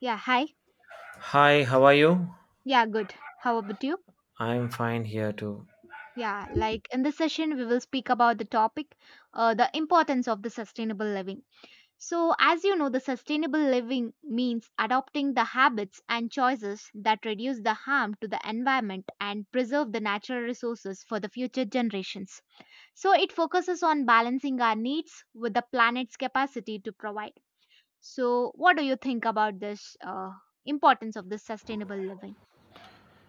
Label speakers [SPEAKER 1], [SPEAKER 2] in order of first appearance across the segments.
[SPEAKER 1] Yeah, hi.
[SPEAKER 2] Hi, how are you?
[SPEAKER 1] Yeah, good. How about you?
[SPEAKER 2] I'm fine here too.
[SPEAKER 1] Yeah, like in this session, we will speak about the topic, the importance of the sustainable living. So, as you know, the sustainable living means adopting the habits and choices that reduce the harm to the environment and preserve the natural resources for the future generations. So, it focuses on balancing our needs with the planet's capacity to provide. So, what do you think about this importance of this sustainable living?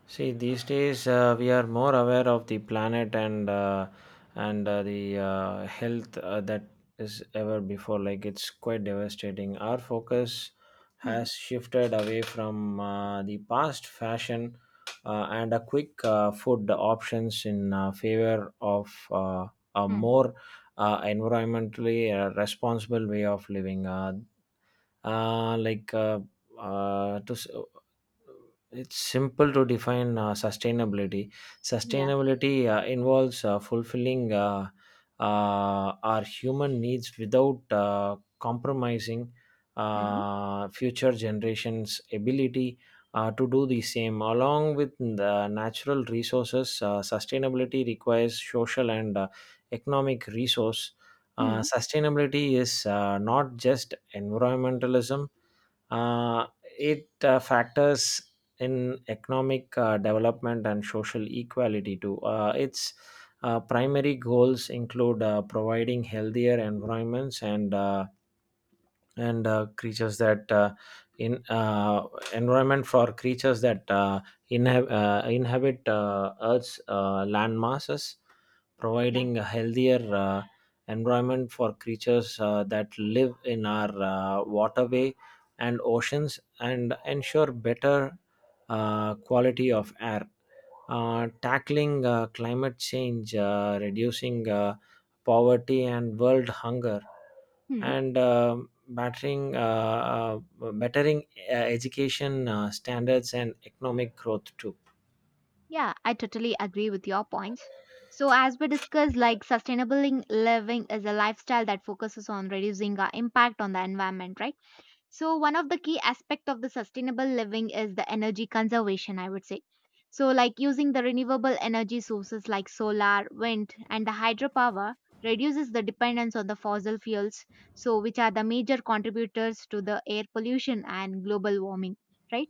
[SPEAKER 2] See, these days we are more aware of the planet and the health that is ever before. Like it's quite devastating. Our focus
[SPEAKER 1] Hmm.
[SPEAKER 2] has shifted away from the past fashion and a quick food options in favor of a
[SPEAKER 1] Hmm.
[SPEAKER 2] more environmentally responsible way of living. Uh, like uh, uh, to s- it's simple to define sustainability.
[SPEAKER 1] Yeah.
[SPEAKER 2] Sustainability involves fulfilling our human needs without compromising
[SPEAKER 1] Hmm.
[SPEAKER 2] future generations ability to do the same, along with the natural resources. Sustainability requires social and economic resource.
[SPEAKER 1] Hmm.
[SPEAKER 2] Sustainability is not just environmentalism. uh, it factors in economic development and social equality too. Its primary goals include providing healthier environments and creatures that in environment for creatures that inhabit Earth's land masses,
[SPEAKER 1] Yeah.
[SPEAKER 2] providing a healthier environment for creatures that live in our waterway and oceans, and ensure better quality of air, tackling climate change, reducing poverty and world hunger,
[SPEAKER 1] Hmm.
[SPEAKER 2] and bettering education standards and economic growth too.
[SPEAKER 1] Yeah, I totally agree with your points. So as we discussed, like sustainable living is a lifestyle that focuses on reducing our impact on the environment, right? So one of the key aspect of the sustainable living is the energy conservation, I would say. So like using the renewable energy sources like solar, wind and the hydropower reduces the dependence on the fossil fuels, so which are the major contributors to the air pollution and global warming, right?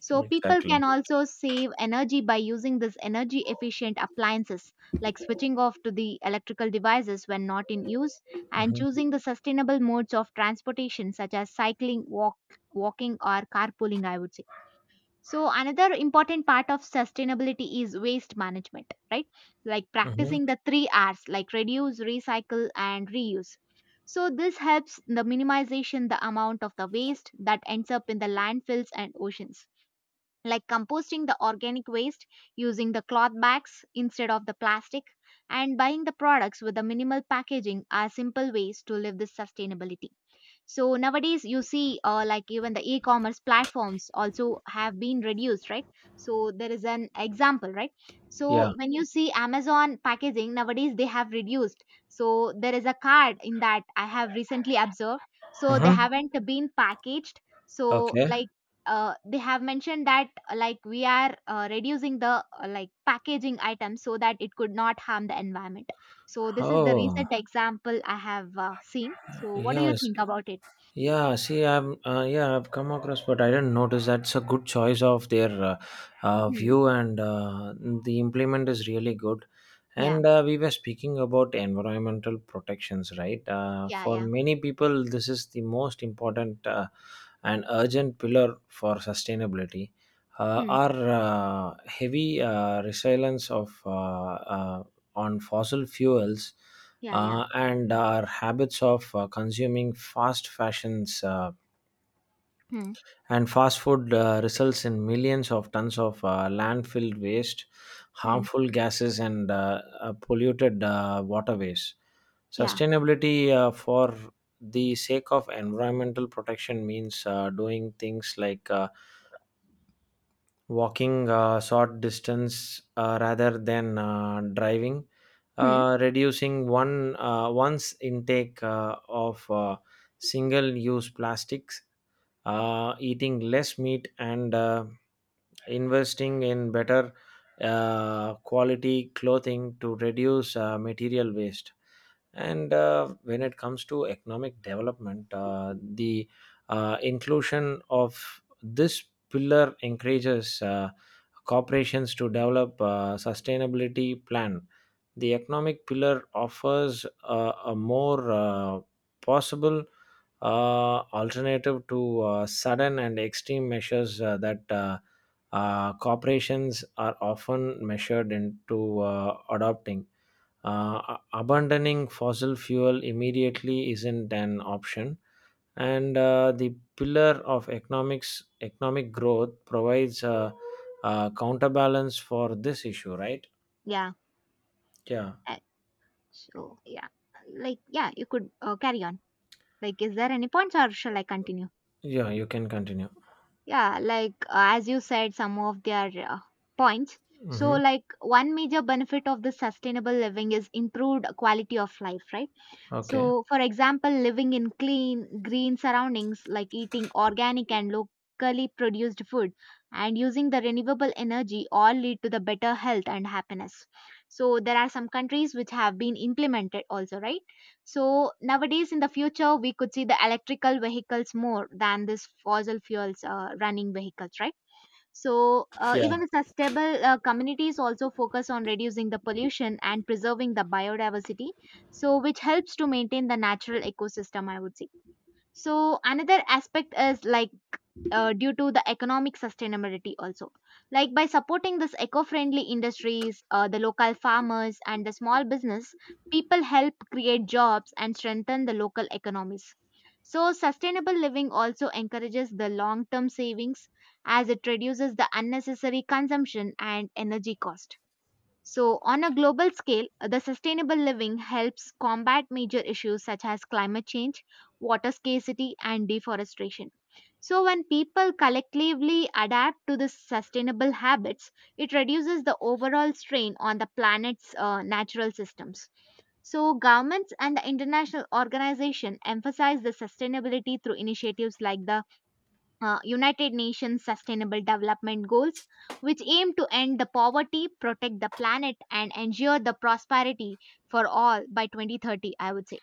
[SPEAKER 1] So people can
[SPEAKER 2] Exactly.
[SPEAKER 1] also save energy by using this energy efficient appliances like switching off to the electrical devices when not in use and
[SPEAKER 2] Hmm.
[SPEAKER 1] choosing the sustainable modes of transportation such as cycling, walking or carpooling, I would say. So another important part of sustainability is waste management, right? Like
[SPEAKER 2] Hmm.
[SPEAKER 1] practicing the three R's like reduce, recycle and reuse. So this helps the minimization the amount of the waste that ends up in the landfills and oceans like composting the organic waste, using the cloth bags instead of the plastic, and buying the products with the minimal packaging are simple ways to live this sustainability. So nowadays, you see, like even the e-commerce platforms also have been reduced, right? So there is an example, right?
[SPEAKER 2] Yeah.
[SPEAKER 1] So when you see Amazon packaging nowadays, they have reduced. So there is a card in that I have recently observed. So they
[SPEAKER 2] Hmm.
[SPEAKER 1] haven't been packaged. So
[SPEAKER 2] Okay.
[SPEAKER 1] like they have mentioned that like we are reducing the like packaging items so that it could not harm the environment. So this is the
[SPEAKER 2] Oh,
[SPEAKER 1] recent example I have seen. So what do you
[SPEAKER 2] yes.
[SPEAKER 1] think about it?
[SPEAKER 2] Yeah, see, I'm yeah, I've come across, but I didn't notice. That's a good choice of their
[SPEAKER 1] Mhm.
[SPEAKER 2] view, and the implement is really good.
[SPEAKER 1] Yeah.
[SPEAKER 2] And we were speaking about environmental protections, right?
[SPEAKER 1] Yeah,
[SPEAKER 2] For
[SPEAKER 1] yeah.
[SPEAKER 2] many people, this is the most important and urgent pillar for sustainability.
[SPEAKER 1] Hmm.
[SPEAKER 2] Our heavy resilience of on fossil fuels,
[SPEAKER 1] Yeah, yeah.
[SPEAKER 2] and our habits of consuming fast fashions
[SPEAKER 1] Hmm.
[SPEAKER 2] and fast food results in millions of tons of landfill waste,
[SPEAKER 1] Hmm.
[SPEAKER 2] harmful gases, and polluted waterways.
[SPEAKER 1] Yeah.
[SPEAKER 2] Sustainability for the sake of environmental protection means doing things like walking short distance rather than driving,
[SPEAKER 1] Hmm.
[SPEAKER 2] reducing one's intake of single use plastics, eating less meat, and investing in better quality clothing to reduce material waste. And when it comes to economic development, the inclusion of this pillar encourages corporations to develop a sustainability plan. The economic pillar offers a more possible alternative to sudden and extreme measures that corporations are often measured into adopting. Uh, Abandoning fossil fuel immediately isn't an option, and the pillar of economic growth provides a counterbalance for this issue, right?
[SPEAKER 1] Yeah.
[SPEAKER 2] Yeah,
[SPEAKER 1] Uh, so, yeah. Like, yeah, you could carry on. Like, is there any points or shall I continue?
[SPEAKER 2] yeah, you can continue.
[SPEAKER 1] Yeah, like, as you said, some of their points. So,
[SPEAKER 2] Hmm.
[SPEAKER 1] like, one major benefit of the sustainable living is improved quality of life, right?
[SPEAKER 2] Okay.
[SPEAKER 1] So, for example, living in clean, green surroundings, like eating organic and locally produced food, and using the renewable energy, all lead to the better health and happiness. So, there are some countries which have been implemented also, right? So, nowadays in the future, we could see the electrical vehicles more than this fossil fuels running vehicles, right? So,
[SPEAKER 2] Yeah.
[SPEAKER 1] even the sustainable communities also focus on reducing the pollution and preserving the biodiversity, so which helps to maintain the natural ecosystem, I would say. So, another aspect is like due to the economic sustainability also like by supporting this eco-friendly industries the local farmers and the small business people help create jobs and strengthen the local economies so sustainable living also encourages the long-term savings as it reduces the unnecessary consumption and energy cost so, on a global scale, the sustainable living helps combat major issues such as climate change, water scarcity, and deforestation. So, when people collectively adapt to the sustainable habits, it reduces the overall strain on the planet's natural systems. So, governments and the international organization emphasize the sustainability through initiatives like the United Nations Sustainable Development Goals, which aim to end the poverty, protect the planet, and ensure the prosperity for all by 2030, I would say.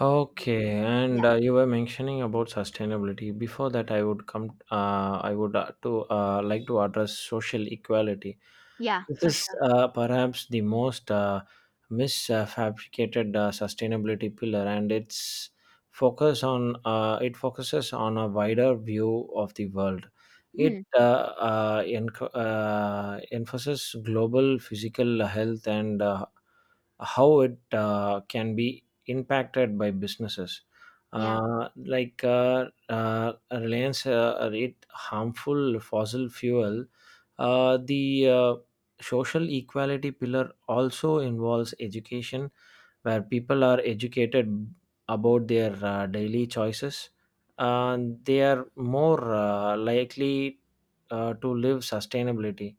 [SPEAKER 2] Okay, and
[SPEAKER 1] Yeah,
[SPEAKER 2] you were mentioning about sustainability. Before that, I would come. I would to like to address social equality.
[SPEAKER 1] yeah,
[SPEAKER 2] This
[SPEAKER 1] for
[SPEAKER 2] is
[SPEAKER 1] sure.
[SPEAKER 2] perhaps the most misfabricated sustainability pillar, and its focus on it focuses on a wider view of the world.
[SPEAKER 1] Hmm.
[SPEAKER 2] It emphasizes global physical health and how it can be impacted by businesses,
[SPEAKER 1] Yeah.
[SPEAKER 2] uh, like reliance rate harmful fossil fuel. The social equality pillar also involves education, where people are educated about their daily choices, and they are more likely to live sustainability.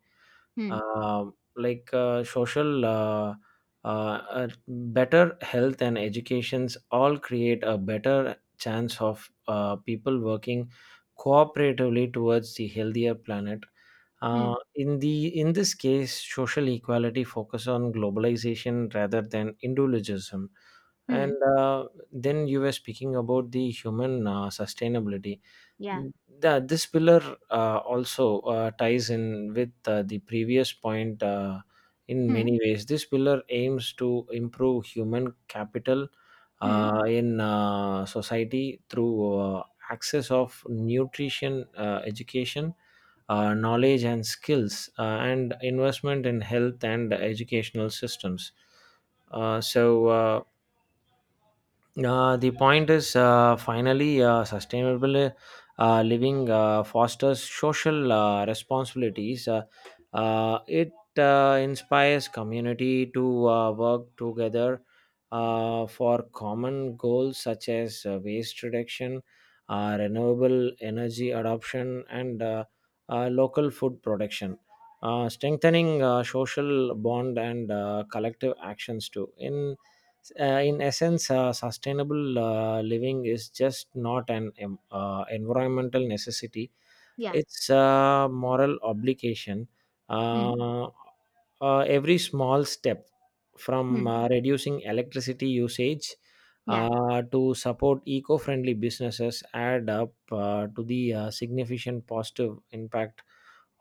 [SPEAKER 1] Hmm.
[SPEAKER 2] Like social better health and educations all create a better chance of people working cooperatively towards the healthier planet.
[SPEAKER 1] Hmm.
[SPEAKER 2] In this case, social equality focus on globalization rather than individualism.
[SPEAKER 1] Hmm.
[SPEAKER 2] And uh, then you were speaking about the human sustainability.
[SPEAKER 1] Yeah.
[SPEAKER 2] Yeah, this pillar also ties in with the previous point in
[SPEAKER 1] Hmm.
[SPEAKER 2] many ways. This pillar aims to improve human capital
[SPEAKER 1] Hmm.
[SPEAKER 2] in society through access of nutrition, education, knowledge, and skills, and investment in health and educational systems. So, the point is finally sustainable living fosters social responsibilities. It inspires community to work together
[SPEAKER 1] Hmm.
[SPEAKER 2] for common goals such as waste reduction, renewable energy adoption, and local food production. Strengthening social bond and collective actions too. In essence, sustainable living is just not an environmental necessity,
[SPEAKER 1] Yeah.
[SPEAKER 2] it's a moral obligation.
[SPEAKER 1] Hmm.
[SPEAKER 2] Uh, every small step from
[SPEAKER 1] Hmm.
[SPEAKER 2] reducing electricity usage
[SPEAKER 1] Yeah.
[SPEAKER 2] to support eco friendly businesses add up to the significant positive impact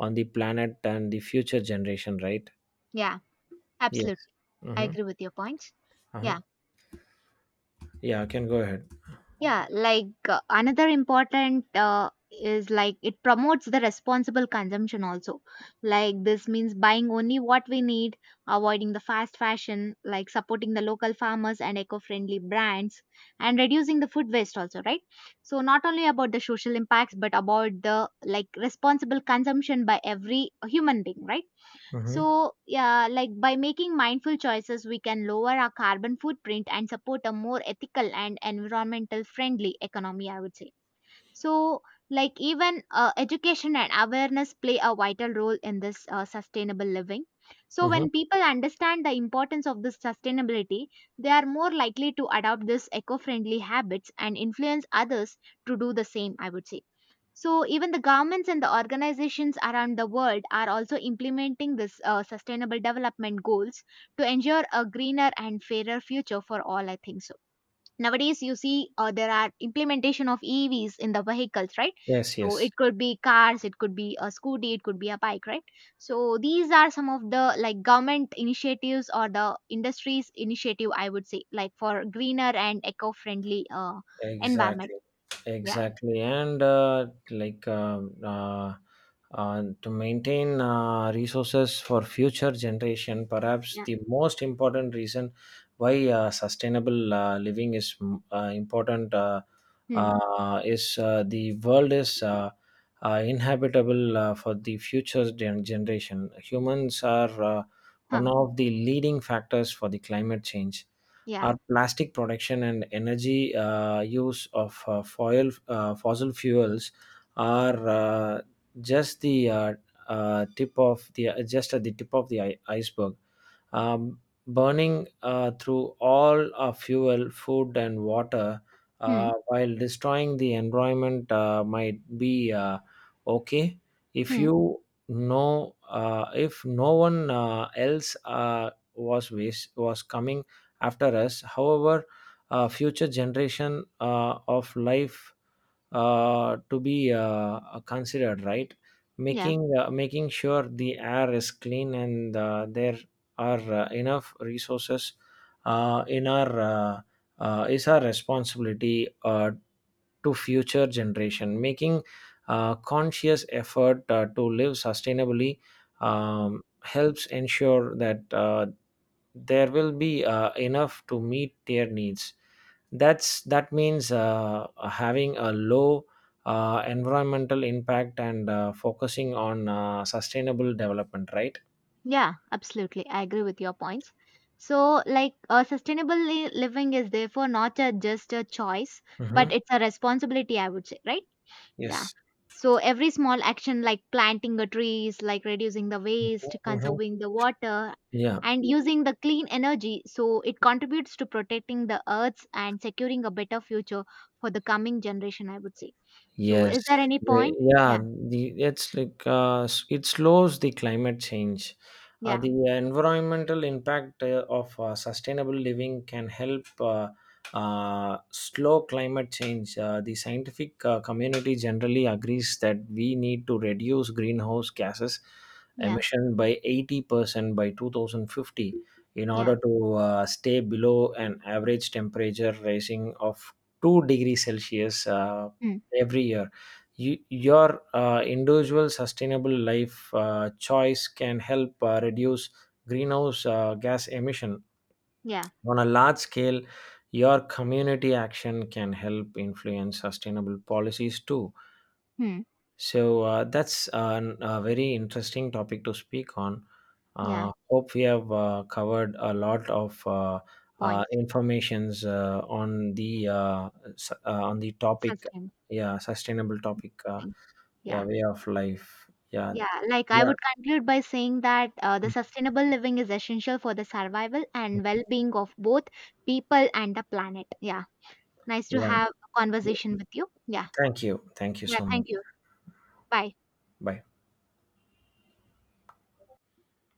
[SPEAKER 2] on the planet and the future generation, right?
[SPEAKER 1] Yeah.
[SPEAKER 2] Yes.
[SPEAKER 1] Absolutely. I
[SPEAKER 2] Mm-hmm.
[SPEAKER 1] agree with your points.
[SPEAKER 2] Uh-huh.
[SPEAKER 1] Yeah.
[SPEAKER 2] Yeah, can go ahead.
[SPEAKER 1] Yeah, like another important is like it promotes the responsible consumption also. Like this means buying only what we need, avoiding the fast fashion, like supporting the local farmers and eco-friendly brands, and reducing the food waste also, right? So not only about the social impacts, but about the like responsible consumption by every human being, right?
[SPEAKER 2] Mm-hmm.
[SPEAKER 1] So, yeah, like by making mindful choices, we can lower our carbon footprint and support a more ethical and environmental friendly economy, I would say. So, like even education and awareness play a vital role in this sustainable living. So, when
[SPEAKER 2] Mm-hmm.
[SPEAKER 1] people understand the importance of this sustainability, they are more likely to adopt this eco friendly habits and influence others to do the same, I would say. So even the governments and the organizations around the world are also implementing this sustainable development goals to ensure a greener and fairer future for all. I think so. Nowadays, you see there are implementation of EVs in the vehicles, right?
[SPEAKER 2] Yes,
[SPEAKER 1] So
[SPEAKER 2] yes,
[SPEAKER 1] it could be cars, it could be a scooty, it could be a bike, right? So these are some of the like government initiatives or the industries initiative, I would say, like for greener and eco-friendly environment.
[SPEAKER 2] exactly,
[SPEAKER 1] Yeah,
[SPEAKER 2] exactly, and like, to maintain resources for future generation, perhaps
[SPEAKER 1] yeah,
[SPEAKER 2] the most important reason why sustainable living is important.
[SPEAKER 1] hmm.
[SPEAKER 2] Is The world is inhabitable for the future generation. Humans are one
[SPEAKER 1] Huh.
[SPEAKER 2] of the leading factors for the climate change.
[SPEAKER 1] Yeah.
[SPEAKER 2] Our plastic production and energy use of fossil fuels are just the tip of the just at the tip of the iceberg. um, Burning through all our fuel, food, and water,
[SPEAKER 1] Hmm.
[SPEAKER 2] while destroying the environment might be okay, if
[SPEAKER 1] Hmm.
[SPEAKER 2] you know if no one else was coming after us. However, future generation of life to be considered, right?
[SPEAKER 1] Yeah.
[SPEAKER 2] Making sure the air is clean, and their are enough resources in our is our responsibility to future generation, making conscious effort to live sustainably,
[SPEAKER 1] Hmm.
[SPEAKER 2] helps ensure that there will be enough to meet their needs. That means having a low environmental impact and focusing on sustainable development, right?
[SPEAKER 1] Yeah. Absolutely. I agree with your points. So, like, living is therefore not a, just a choice, but
[SPEAKER 2] Hmm.
[SPEAKER 1] it's a responsibility, I would say, right? Yeah.
[SPEAKER 2] Yes.
[SPEAKER 1] So, every small action like planting the trees, like reducing the
[SPEAKER 2] Mhm,
[SPEAKER 1] waste,
[SPEAKER 2] mhm.
[SPEAKER 1] conserving the water,
[SPEAKER 2] Yeah.
[SPEAKER 1] and using the clean energy, so it contributes to protecting the earth and securing a better future for the coming generation, I would say. So,
[SPEAKER 2] Yes,
[SPEAKER 1] is there any point?
[SPEAKER 2] yeah,
[SPEAKER 1] Yeah.
[SPEAKER 2] the it's like s- it slows the climate change.
[SPEAKER 1] Yeah.
[SPEAKER 2] The environmental impact of sustainable living can help slow climate change. The scientific community generally agrees that we need to reduce greenhouse gases
[SPEAKER 1] Yeah.
[SPEAKER 2] emission by 80% by 2050 in
[SPEAKER 1] Yeah.
[SPEAKER 2] order to stay below an average temperature rising of 2 degrees Celsius.
[SPEAKER 1] Hmm.
[SPEAKER 2] Every year. Your individual sustainable life choice can help reduce greenhouse gas emission
[SPEAKER 1] Yeah.
[SPEAKER 2] on a large scale. Your community action can help influence sustainable policies too.
[SPEAKER 1] Hmm.
[SPEAKER 2] So that's a very interesting topic to speak on.
[SPEAKER 1] Yeah.
[SPEAKER 2] Hope we have covered a lot of
[SPEAKER 1] Points.
[SPEAKER 2] informations on the topic,
[SPEAKER 1] Sustainable
[SPEAKER 2] yeah, sustainable topic.
[SPEAKER 1] living.
[SPEAKER 2] Yeah,
[SPEAKER 1] Yeah.
[SPEAKER 2] way of life. Yeah,
[SPEAKER 1] Yeah. Like I
[SPEAKER 2] yeah,
[SPEAKER 1] would conclude by saying that the sustainable living is essential for the survival and well being of both people and the planet. Yeah. Nice to
[SPEAKER 2] yeah,
[SPEAKER 1] have a conversation with you. Yeah.
[SPEAKER 2] thank you, thank you
[SPEAKER 1] Yeah.
[SPEAKER 2] so much.
[SPEAKER 1] Thank you. Bye.
[SPEAKER 2] Bye.